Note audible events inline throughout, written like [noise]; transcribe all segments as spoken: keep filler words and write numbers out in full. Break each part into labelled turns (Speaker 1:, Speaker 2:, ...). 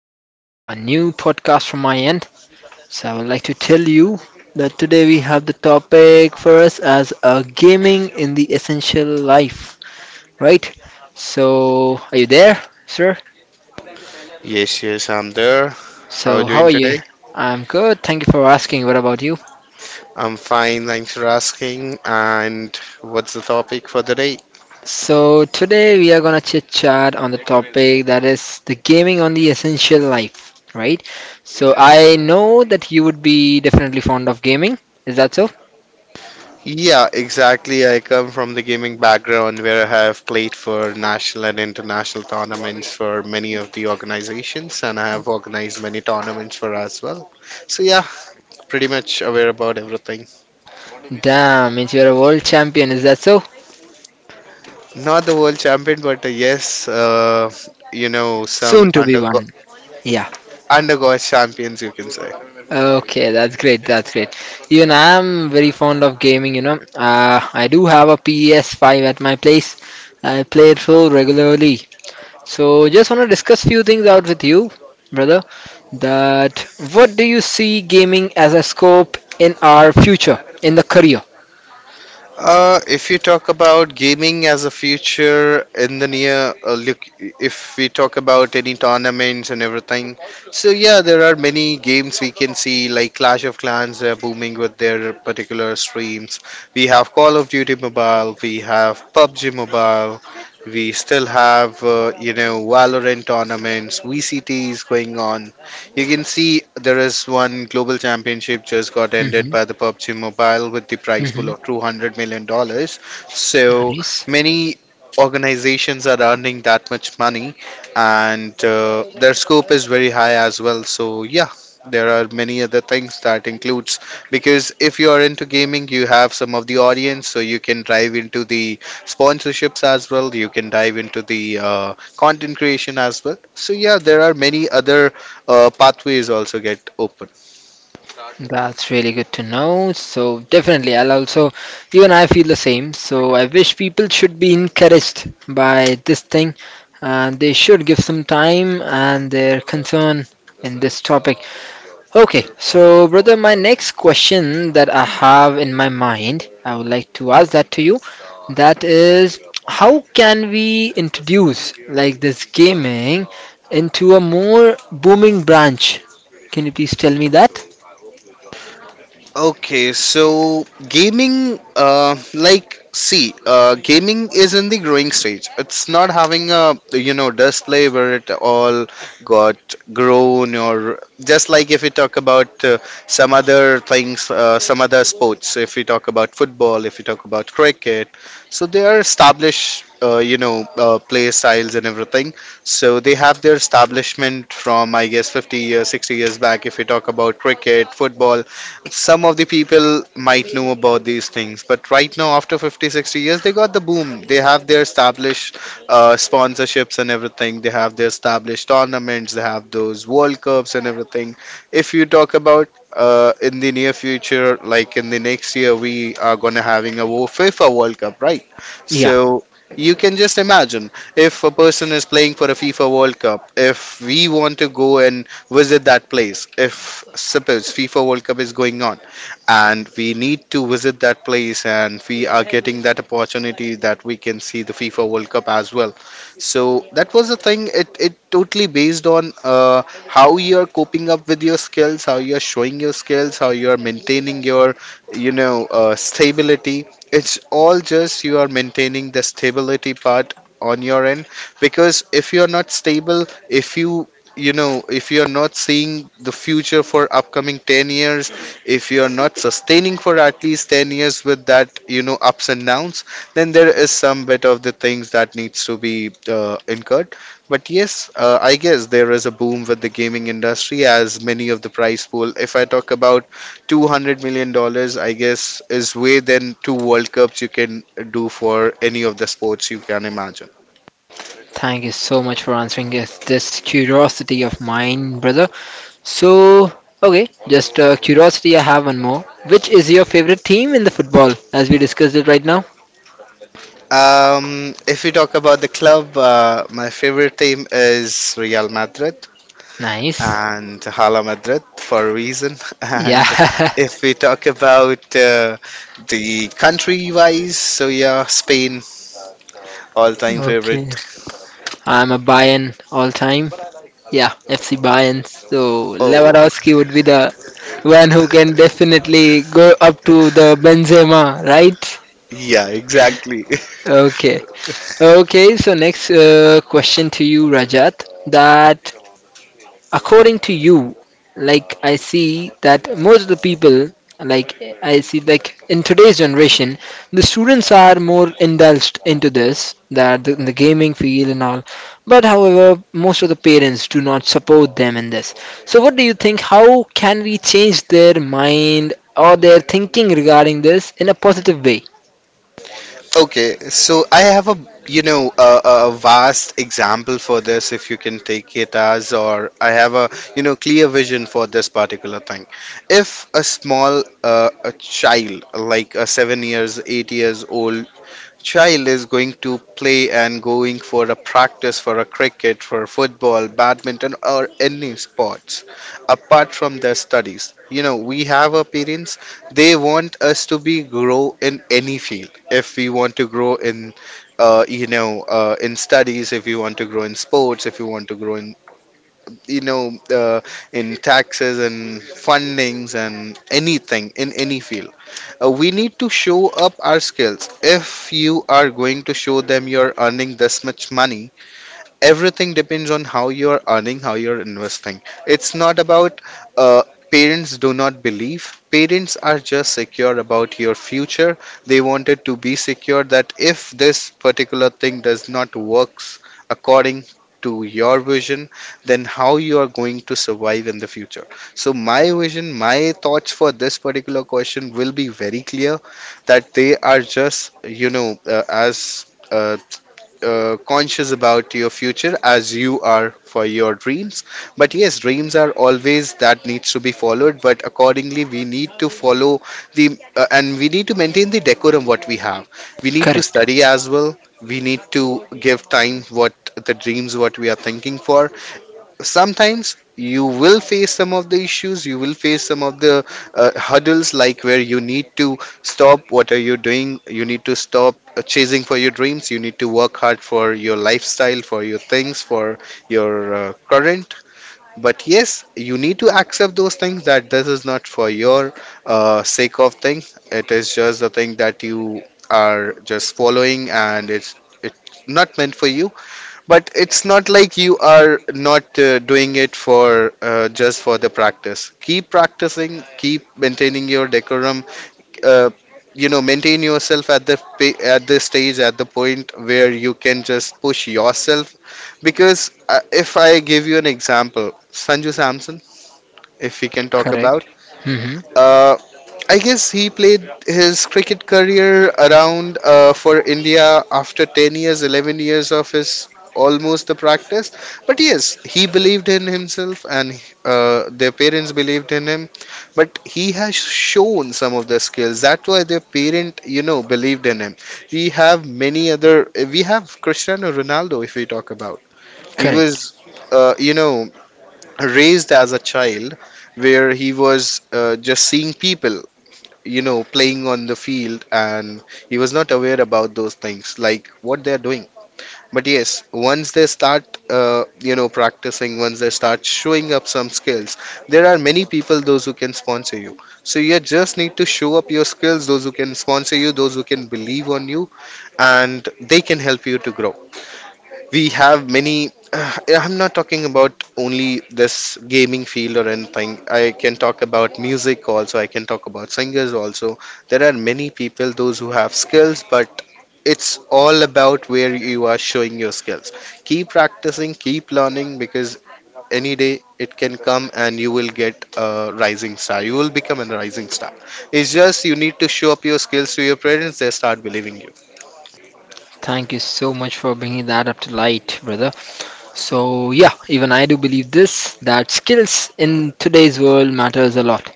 Speaker 1: is a new podcast from my end. So I would like to tell you that today we have the topic for us as uh, gaming in the essential life, right? So are you there, sir?
Speaker 2: Yes, yes, I'm there. How are
Speaker 1: So
Speaker 2: you
Speaker 1: how
Speaker 2: doing
Speaker 1: are you?
Speaker 2: today?
Speaker 1: I'm good. Thank you for asking. What about you?
Speaker 2: I'm fine, thanks for asking. And what's the topic for the day?
Speaker 1: So today we are gonna chit chat on the topic that is the gaming on the essential life, right? So I know that you would be definitely fond of gaming. Is that so?
Speaker 2: Yeah, exactly. I come from the gaming background where I have played for national and international tournaments for many of the organizations, and I have organized many tournaments for as well. So, yeah, pretty much aware about everything.
Speaker 1: Damn, means you're a world champion, is that so?
Speaker 2: Not the world champion, but uh, yes, uh, you know, some
Speaker 1: Soon to be
Speaker 2: undergo
Speaker 1: one. Yeah.
Speaker 2: undergo champions, you can say.
Speaker 1: Okay, that's great, that's great. Even I'm very fond of gaming, you know. Uh, I do have a P S five at my place. I play it so regularly. So just want to discuss few things out with you, brother. That what do you see gaming as a scope in our future, in the career?
Speaker 2: Uh, if you talk about gaming as a future in the near, uh, look, if we talk about any tournaments and everything, so yeah, there are many games we can see, like Clash of Clans, they're booming with their particular streams. We have Call of Duty Mobile, we have PUBG Mobile, we still have, uh, you know, Valorant tournaments, V C T is going on. You can see there is one global championship just got ended
Speaker 1: Mm-hmm.
Speaker 2: by the PUBG Mobile with the prize pool of
Speaker 1: Mm-hmm.
Speaker 2: two hundred million dollars dollars. So
Speaker 1: Nice.
Speaker 2: many organizations are earning that much money, and uh, their scope is very high as well. So, yeah. There are many other things that includes, because if you are into gaming, you have some of the audience, so you can dive into the sponsorships as well. You can dive into the uh, content creation as well. So yeah, there are many other uh, pathways also get open.
Speaker 1: That's really good to know. So definitely, I'll also, even I feel the same. So I wish people should be encouraged by this thing, and they should give some time and their concern in this topic. Okay, so brother, my next question that I have in my mind, I would like to ask that to you. That is, how can we introduce like this gaming into a more booming branch? Can you please tell me that?
Speaker 2: Okay, so gaming, uh, like, see, uh, gaming is in the growing stage. It's not having a, you know, display where it all got grown, or just like if we talk about uh, some other things, uh, some other sports. If we talk about football, if we talk about cricket, so they are established, uh, you know, uh, play styles and everything. So they have their establishment from, I guess, fifty years, sixty years back. If we talk about cricket, football, some of the people might know about these things, but right now after fifty sixty years they got the boom. They have their established uh, sponsorships and everything, they have their established tournaments, they have those world cups and everything. If you talk about uh, in the near future, like in the next year, we are going to having a wo- FIFA World Cup, right?
Speaker 1: Yeah.
Speaker 2: So you can just imagine, if a person is playing for a FIFA World Cup, if we want to go and visit that place, if suppose FIFA World Cup is going on and we need to visit that place and we are getting that opportunity that we can see the FIFA World Cup as well. So that was the thing. It it totally based on uh, how you're coping up with your skills, how you're showing your skills, how you're maintaining your you know uh, stability. It's all just you are maintaining the stability part on your end, because if you're not stable, if you you know if you're not seeing the future for upcoming ten years, if you're not sustaining for at least ten years with that you know ups and downs, then there is some bit of the things that needs to be uh, incurred. But yes, uh, I guess there is a boom with the gaming industry, as many of the prize pool, if I talk about two hundred million dollars, I guess is way than two world cups you can do for any of the sports you can imagine.
Speaker 1: Thank you so much for answering this, this curiosity of mine, brother. So, okay, just uh, curiosity, I have one more. Which is your favorite team in the football as we discussed it right now?
Speaker 2: Um, if we talk about the club, uh, my favorite team is Real Madrid.
Speaker 1: Nice.
Speaker 2: And Hala Madrid for a reason. [laughs]
Speaker 1: Yeah.
Speaker 2: And if we talk about uh, the country wise, so yeah, Spain, all time
Speaker 1: [laughs]
Speaker 2: favorite.
Speaker 1: Okay. I'm a Bayern all time. Yeah, F C Bayern. So,
Speaker 2: Oh,
Speaker 1: Lewandowski would be the one who can definitely go up to the Benzema, right?
Speaker 2: yeah, exactly. [laughs]
Speaker 1: Okay. Okay, so next uh, question to you, Rajat. That according to you, like I see that most of the people, like I see, like in today's generation, the students are more indulged into this, that the, the gaming field and all. But however, most of the parents do not support them in this. So, what do you think? How can we change their mind or their thinking regarding this in a positive way?
Speaker 2: Okay, so I have a you know a, a vast example for this, if you can take it as, or I have a you know clear vision for this particular thing. If a small uh, a child like a seven years eight years old child is going to play and going for a practice for a cricket, for football, badminton, or any sports apart from their studies. You know, we have our parents, they want us to be grow in any field. If we want to grow in, uh, you know, uh, in studies, if you want to grow in sports, if you want to grow in, you know, uh, in taxes and fundings and anything in any field, uh, we need to show up our skills. If you are going to show them you're earning this much money, everything depends on how you're earning, how you're investing. It's not about uh, parents do not believe. Parents are just secure about your future, they wanted to be secure that if this particular thing does not works according to your vision, then how you are going to survive in the future. So my vision, my thoughts for this particular question will be very clear, that they are just you know uh, as uh, uh, conscious about your future as you are for your dreams. But yes, dreams are always that needs to be followed. But accordingly, we need to follow the uh, and we need to maintain the decorum what we have. We need to
Speaker 1: Correct.
Speaker 2: study as well. We need to give time what the dreams, what we are thinking for. Sometimes you will face some of the issues, you will face some of the uh, hurdles, like where you need to stop what are you doing, you need to stop uh, chasing for your dreams, you need to work hard for your lifestyle, for your things, for your uh, current. But yes, you need to accept those things, that this is not for your uh, sake of thing, it is just the thing that you are just following, and it's it's not meant for you. But it's not like you are not uh, doing it for uh, just for the practice. Keep practicing, keep maintaining your decorum. Uh, you know, maintain yourself at the pa- at the stage, at the point where you can just push yourself. Because uh, if I give you an example, Sanju Samson, if we can talk about,
Speaker 1: Correct. Mm-hmm.
Speaker 2: uh, I guess he played his cricket career around uh, for India after ten years, eleven years of his almost the practice. But yes, he believed in himself, and uh, their parents believed in him. But he has shown some of the skills. That's why their parent you know, believed in him. We have many other, we have Cristiano Ronaldo if we talk about. He
Speaker 1: Correct.
Speaker 2: was uh, you know, raised as a child, where he was uh, just seeing people you know, playing on the field, and he was not aware about those things, like what they're doing. But yes, once they start uh, you know, practicing, once they start showing up some skills, there are many people, those who can sponsor you. So you just need to show up your skills, those who can sponsor you, those who can believe on you, and they can help you to grow. We have many uh, I'm not talking about only this gaming field or anything. I can talk about music also, I can talk about singers also. There are many people those who have skills, but it's all about where you are showing your skills. Keep practicing, keep learning, because any day it can come and you will get a rising star, you will become a rising star. It's just you need to show up your skills to your parents, they start believing you.
Speaker 1: Thank you so much for bringing that up to light, brother. So yeah, even I do believe this that skills in today's world matters a lot,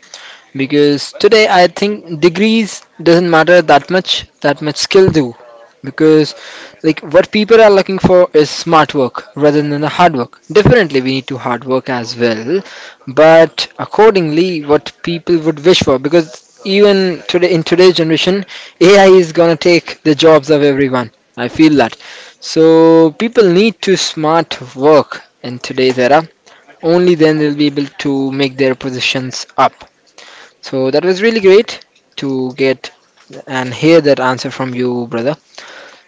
Speaker 1: because today I think degrees doesn't matter that much, that much skill do, because like what people are looking for is smart work rather than the hard work. Definitely we need to hard work as well, but accordingly what people would wish for, because even today in today's generation A I is gonna take the jobs of everyone, I feel that. So people need to smart work in today's era, only then they'll be able to make their positions up. So that was really great to get and hear that answer from you, brother.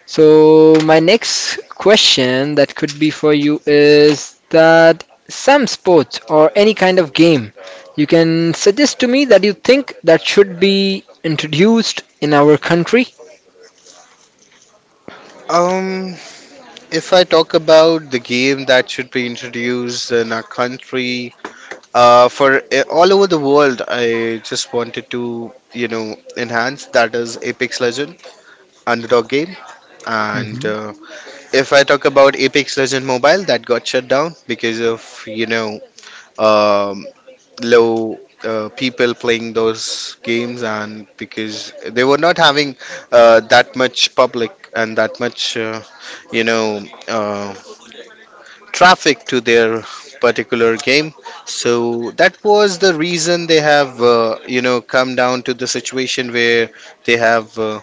Speaker 1: So my next question that could be for you is that some sport or any kind of game you can suggest to me that you think that should be introduced in our country.
Speaker 2: Um If I talk about the game that should be introduced in our country, uh, for uh, all over the world, I just wanted to, you know, enhance that is Apex Legend Underdog game. And
Speaker 1: Mhm.
Speaker 2: uh, if I talk about Apex Legend Mobile, that got shut down because of you know, um, low. Uh, people playing those games, and because they were not having uh, that much public and that much uh, you know uh, traffic to their particular game. So that was the reason they have uh, you know, come down to the situation where they have. Uh,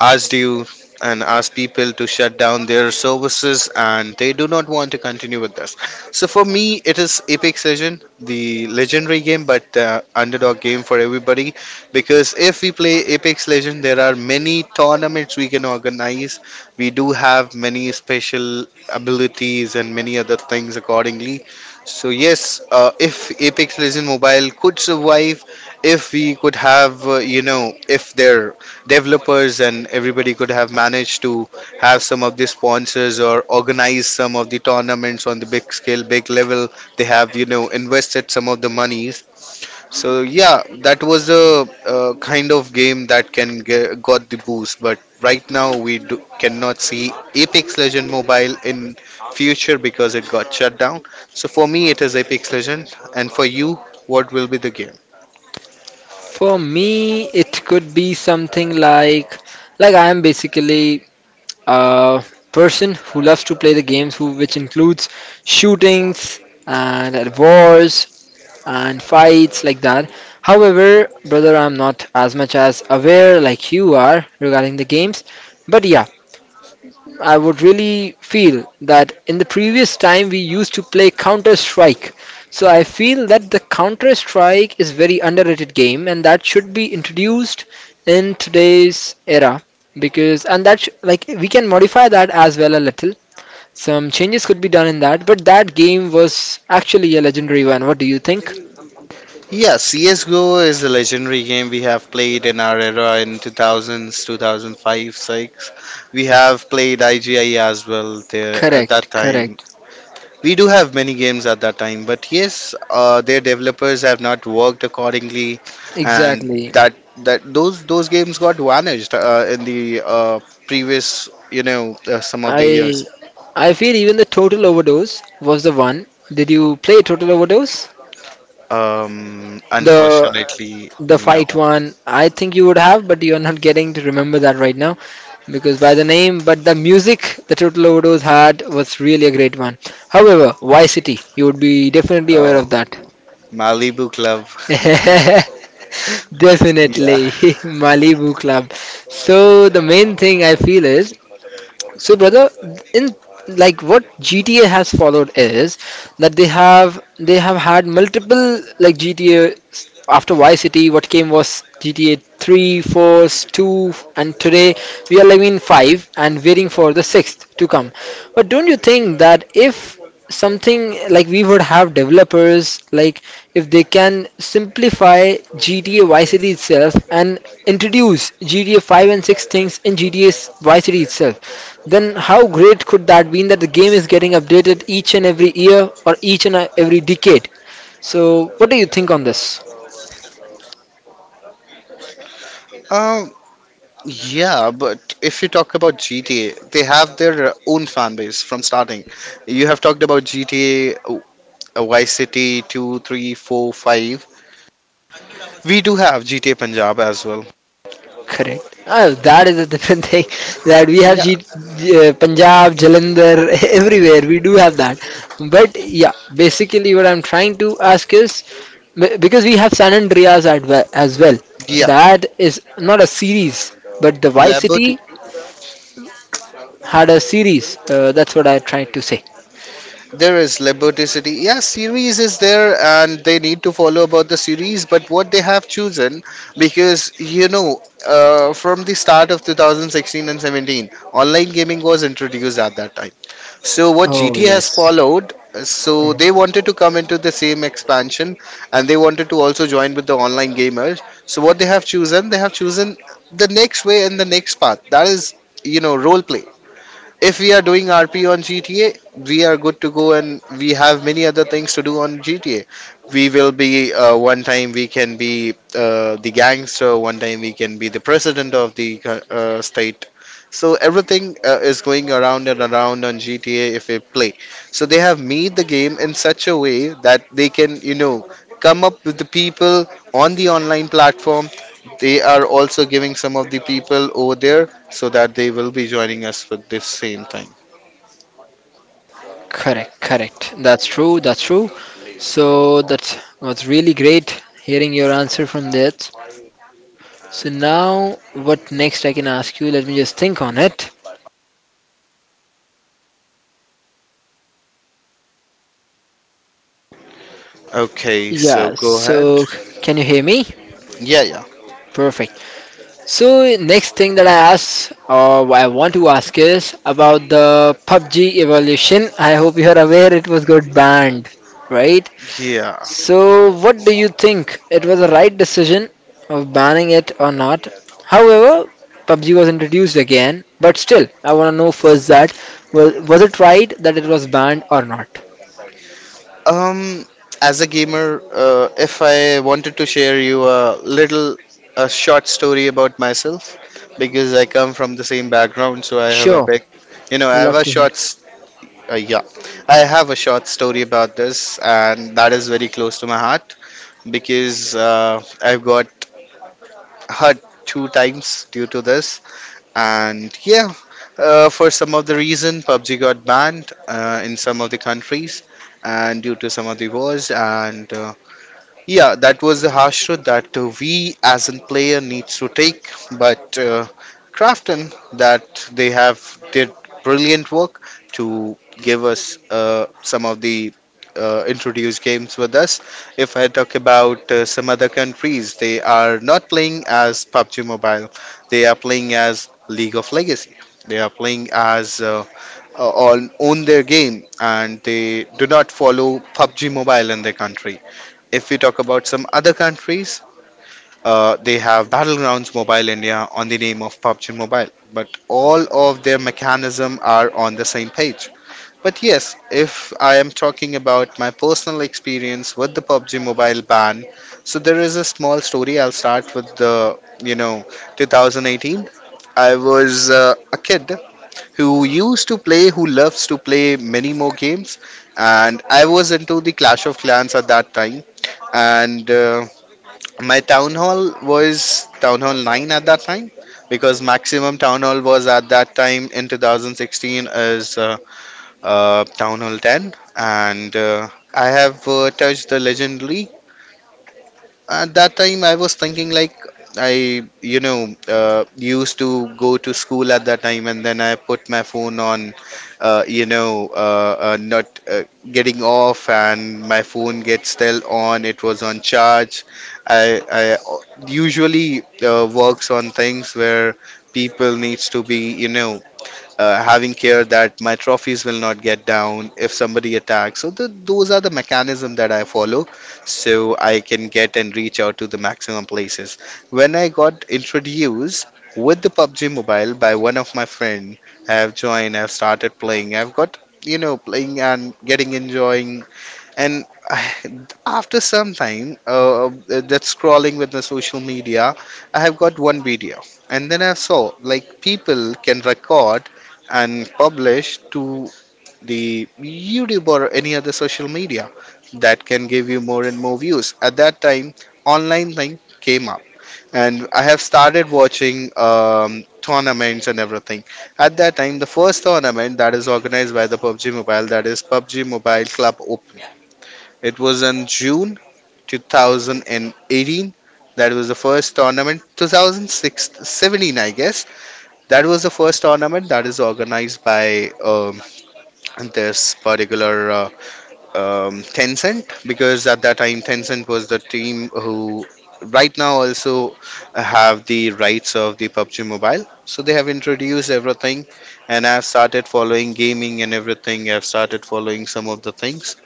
Speaker 2: asked you and asked people to shut down their services, and they do not want to continue with this. So for me, it is Apex Legend, the legendary game, but uh, underdog game for everybody. Because if we play Apex Legend, there are many tournaments we can organize. We do have many special abilities and many other things accordingly. So yes, uh, if Apex Legend Mobile could survive, if we could have, uh, you know, if their developers and everybody could have managed to have some of the sponsors or organize some of the tournaments on the big scale big level, they have you know invested some of the monies. So yeah, that was a uh, kind of game that can get, got the boost, but right now we do, cannot see Apex Legend Mobile in future because it got shut down. So for me it is Apex Legend, and for you what will be the game?
Speaker 1: For me, it could be something like like I am basically a person who loves to play the games, who which includes shootings and wars and fights like that. However, brother, I'm not as much as aware like you are regarding the games. But yeah, I would really feel that in the previous time we used to play Counter Strike. So I feel that the Counter Strike is very underrated game and that should be introduced in today's era, because and that sh- like we can modify that as well a little. Some changes could be done in that, but that game was actually a legendary one. What do you think?
Speaker 2: Yeah, C S G O is a legendary game we have played in our era in two thousands, two thousand five, six. We have played I G I as well there at that
Speaker 1: Correct,
Speaker 2: time.
Speaker 1: correct.
Speaker 2: We do have many games at that time, but yes, uh, their developers have not worked accordingly, and
Speaker 1: Exactly.
Speaker 2: that that those those games got vanished uh, in the uh, previous, you know, uh, some of the years.
Speaker 1: I I feel even the Total Overdose was the one. Did you play Total Overdose?
Speaker 2: Um,
Speaker 1: the
Speaker 2: unfortunately,
Speaker 1: the fight
Speaker 2: no.
Speaker 1: one, I think you would have, but you're not getting to remember that right now because by the name. But the music the Total Overdose had was really a great one. However, Vice City you would be definitely aware
Speaker 2: Oh,
Speaker 1: of that.
Speaker 2: Malibu Club.
Speaker 1: [laughs] Definitely, [laughs]
Speaker 2: [laughs] Yeah.
Speaker 1: Malibu Club. So the main thing I feel is so brother, in like what GTA has followed is that they have they have had multiple, like GTA, after Vice City what came was GTA three, four, two, and today we are living in five and waiting for the sixth to come. But don't you think that if something like we would have developers like if they can simplify G T A Vice City itself and introduce G T A five and six things in G T A Vice City itself, then how great could that be, in that the game is getting updated each and every year or each and every decade? So, what do you think on this?
Speaker 2: Um, yeah, but if you talk about G T A, they have their own fan base from starting. You have talked about G T A uh, Vice City two, three, four, five. We do have G T A Punjab as well.
Speaker 1: Correct. Oh, that is a different thing. [laughs] That we have
Speaker 2: Yeah,
Speaker 1: G- G- uh, Punjab, Jalandhar, [laughs] everywhere. We do have that. But yeah, basically, what I'm trying to ask is be- because we have San Andreas at we- as well.
Speaker 2: yeah.
Speaker 1: That is not a series, but the Vice City
Speaker 2: Liberty,
Speaker 1: had a series. Uh, that's what I tried to say.
Speaker 2: there is Liberty City. Yeah, series is there, and they need to follow about the series. But what they have chosen, because you know, uh, from the start of two thousand sixteen and seventeen, online gaming was introduced at that time. So what
Speaker 1: Oh,
Speaker 2: G T has
Speaker 1: yes.
Speaker 2: followed, so they wanted to come into the same expansion, and they wanted to also join with the online gamers. So what they have chosen, they have chosen the next way and the next path. That is, you know, role play. If we are doing R P on G T A, we are good to go, and we have many other things to do on G T A. We will be, uh, one time we can be uh, the gangster, one time we can be the president of the uh, state. So everything uh, is going around and around on G T A if we play. So they have made the game in such a way that they can, you know, come up with the people on the online platform. They are also giving some of the people over there so that they will be joining us with this same thing.
Speaker 1: Correct, correct. That's true, that's true. So that was really great hearing your answer from that. So now, what next I can ask you? Let me just think on it.
Speaker 2: Okay, so
Speaker 1: Yeah,
Speaker 2: go ahead.
Speaker 1: so can you hear me?
Speaker 2: Yeah, yeah.
Speaker 1: Perfect. So next thing that I ask or I want to ask is about the PUBG evolution. I hope you are aware it was got banned, right?
Speaker 2: Yeah.
Speaker 1: So what do you think? It was a right decision of banning it or not? However, PUBG was introduced again, but still I want to know first that was, was it right that it was banned or not?
Speaker 2: Um, as a gamer, uh, if I wanted to share you a little, a short story about myself, because I come from the same background, so I have a
Speaker 1: Sure.
Speaker 2: big, you know, I have
Speaker 1: Love
Speaker 2: a
Speaker 1: to hear.
Speaker 2: short, s- uh, yeah, I have a short story about this, and that is very close to my heart because uh, I've got hurt two times due to this. And yeah, uh, for some of the reason, PUBG got banned uh, in some of the countries, and due to some of the wars, and uh, yeah, that was a harsh truth that uh, we as a player needs to take. But uh, Crafton, that they have did brilliant work to give us uh, some of the uh, introduced games with us. If I talk about uh, some other countries, they are not playing as PUBG Mobile. They are playing as League of Legacy. They are playing as uh, uh, on own their game, and they do not follow PUBG Mobile in their country. If we talk about some other countries, uh, they have Battlegrounds Mobile India on the name of PUBG Mobile, but all of their mechanism are on the same page. But yes, if I am talking about my personal experience with the PUBG Mobile ban, so there is a small story. I'll start with the you know two thousand eighteen. I was uh, a kid who used to play, who loves to play many more games. And I was into the Clash of Clans at that time. And uh, my town hall was Town Hall nine at that time because maximum town hall was at that time in two thousand sixteen is uh, uh, Town Hall ten. And uh, I have uh, touched the legendary at that time. I was thinking like I, you know, uh, used to go to school at that time, and then I put my phone on, uh, you know, uh, uh, not uh, getting off, and my phone gets still on. It was on charge. I, I usually uh, works on things where people needs to be, you know, uh, having care that my trophies will not get down if somebody attacks. So the, those are the mechanism that I follow, so I can get and reach out to the maximum places. When I got introduced with the PUBG Mobile by one of my friend, I have joined, I've started playing, I've got you know playing and getting enjoying and [sighs] after some time, uh, that scrolling with the social media, I have got one video, and then I saw like people can record and publish to the YouTube or any other social media that can give you more and more views. At that time, online thing came up, and I have started watching um, tournaments and everything. At that time, the first tournament that is organized by the PUBG Mobile, that is PUBG Mobile Club, it was in June two thousand eighteen. That was the first tournament, twenty sixteen-seventeen, I guess. That was the first tournament that is organized by um, this particular uh, um, Tencent, because at that time Tencent was the team who right now also have the rights of the PUBG Mobile. So they have introduced everything, and I've started following gaming and everything. I've started following some of the things,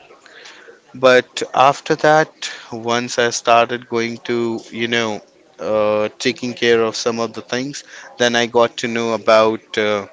Speaker 2: but after that, once I started going to, you know, uh, taking care of some of the things, then I got to know about uh,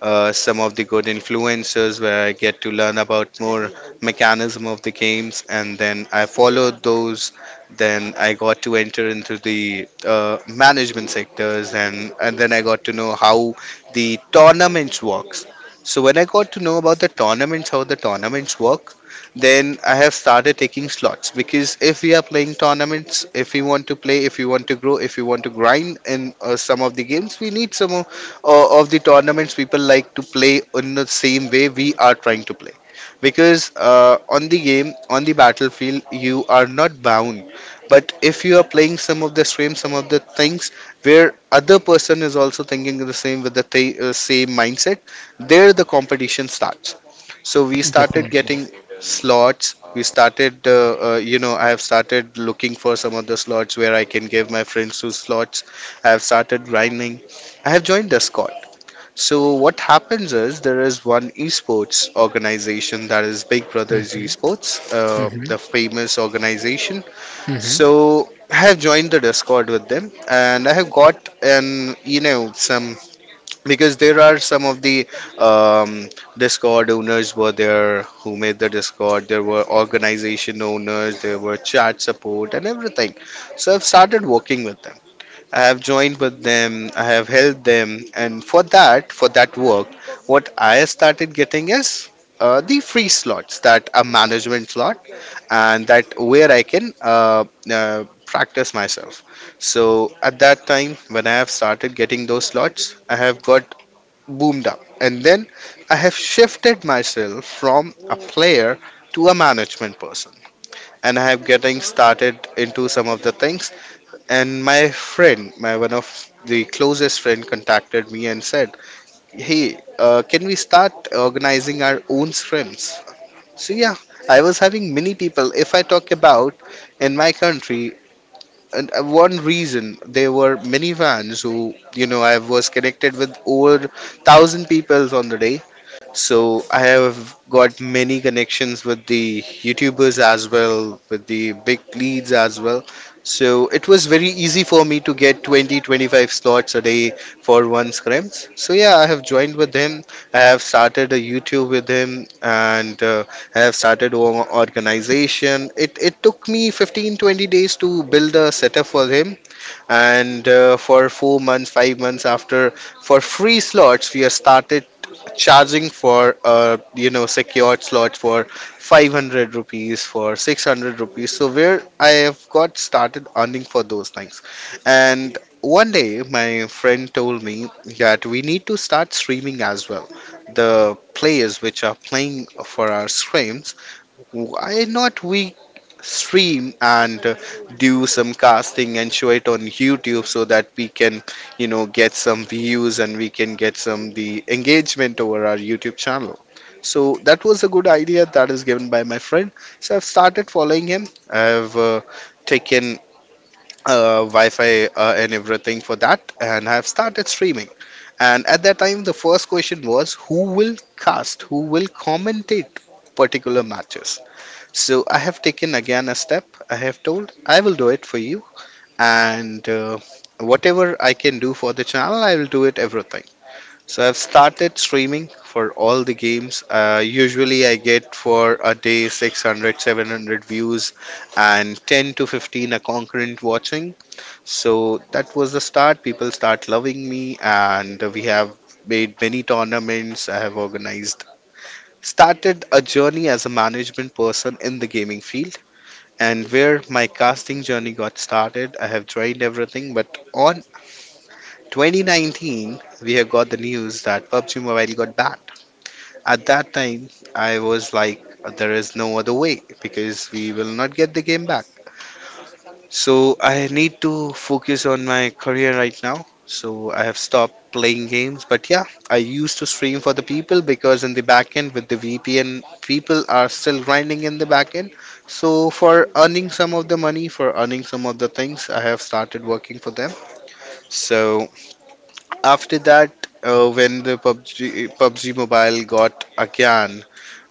Speaker 2: uh, some of the good influencers where I get to learn about more mechanism of the games, and then I followed those. Then I got to enter into the uh, management sectors, and and then I got to know how the tournaments works. So when I got to know about the tournaments, how the tournaments work, then I have started taking slots, because if we are playing tournaments, if we want to play, if we want to grow, if we want to grind in uh, some of the games, we need some uh, of the tournaments. People like to play in the same way we are trying to play, because uh, on the game on the battlefield you are not bound, but if you are playing some of the streams, some of the things where other person is also thinking the same with the th- uh, same mindset, there the competition starts. So we started
Speaker 1: Definitely.
Speaker 2: getting slots, we started uh, uh, you know I have started looking for some of the slots where I can give my friends to slots. I have started grinding, I have joined Discord. So what happens is there is one esports organization that is Big Brothers
Speaker 1: Mm-hmm,
Speaker 2: Esports, uh, the
Speaker 1: hmm
Speaker 2: famous organization.
Speaker 1: hmm.
Speaker 2: So I have joined the Discord with them, and I have got an you know some, because there are some of the um, Discord owners were there who made the Discord. There were organization owners, there were chat support, and everything. So I've started working with them, I have joined with them, I have helped them, and for that, for that work, what I started getting is uh, the free slots, that a management slot, and that where I can uh, uh, practice myself. So at that time, when I have started getting those slots, I have got boomed up, and then I have shifted myself from a player to a management person, and I have getting started into some of the things. And my friend, my one of the closest friend, contacted me and said, "Hey, uh, can we start organizing our own scrims?" So yeah, I was having many people. If I talk about in my country, and uh, one reason there were many fans who, you know, I was connected with over thousand people on the day, so I have got many connections with the YouTubers as well, with the big leads as well. So it was very easy for me to get twenty twenty-five slots a day for one scrims. So yeah, I have joined with him. I have started a YouTube with him, and uh, I have started o- organization. It it took me fifteen twenty days to build a setup for him, and uh, for four months five months after for free slots we have started charging for uh, you know secured slots for five hundred rupees, for six hundred rupees. So where I have got started earning for those things, and one day my friend told me that we need to start streaming as well. The players which are playing for our streams, why not we stream and uh, do some casting and show it on YouTube so that we can, you know, get some views, and we can get some the engagement over our YouTube channel. So that was a good idea that is given by my friend. So I've started following him. I've uh, taken uh, Wi-Fi uh, and everything for that, and I've started streaming. And at that time, the first question was, who will cast? Who will commentate particular matches? So I have taken again a step. I have told I will do it for you, and uh, whatever I can do for the channel, I will do it everything. So I've started streaming for all the games. Uh, usually I get for a day six hundred, seven hundred views and ten to fifteen a concurrent watching. So that was the start. People start loving me, and we have made many tournaments. I have organized started a journey as a management person in the gaming field, and where my casting journey got started. I have tried everything, but on twenty nineteen, we have got the news that PUBG Mobile got banned. At that time, I was like, there is no other way because we will not get the game back. So I need to focus on my career right now. So I have stopped playing games, but yeah, I used to stream for the people because in the back end with the V P N, people are still grinding in the back end. So for earning some of the money, for earning some of the things, I have started working for them. So after that, uh, when the PUBG PUBG Mobile got again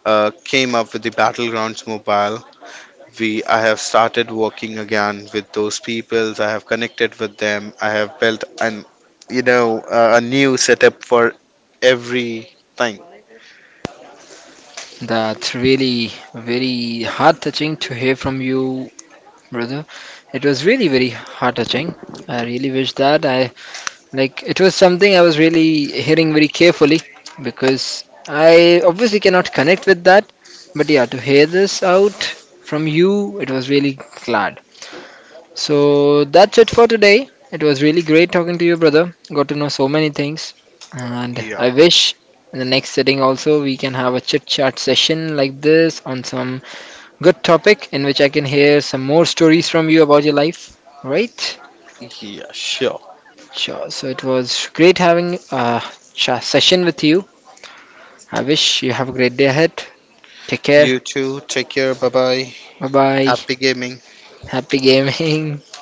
Speaker 2: uh, came up with the Battlegrounds Mobile, we I have started working again with those peoples. I have connected with them. I have built an you know uh, a a new setup for everything.
Speaker 1: That's really very heart touching to hear from you, brother. It was really very heart touching. I really wish that I like it was something I was really hearing very carefully, because I obviously cannot connect with that. But yeah, to hear this out from you, it was really glad. So that's it for today. It was really great talking to you, brother. Got to know so many things. And
Speaker 2: Yeah,
Speaker 1: I wish in the next sitting also we can have a chit chat session like this on some good topic in which I can hear some more stories from you about your life. Right?
Speaker 2: yeah, sure.
Speaker 1: Sure. So it was great having a cha session with you. I wish you have a great day ahead. Take care.
Speaker 2: You too. Take care. Bye bye.
Speaker 1: Bye bye.
Speaker 2: Happy gaming.
Speaker 1: Happy gaming. [laughs]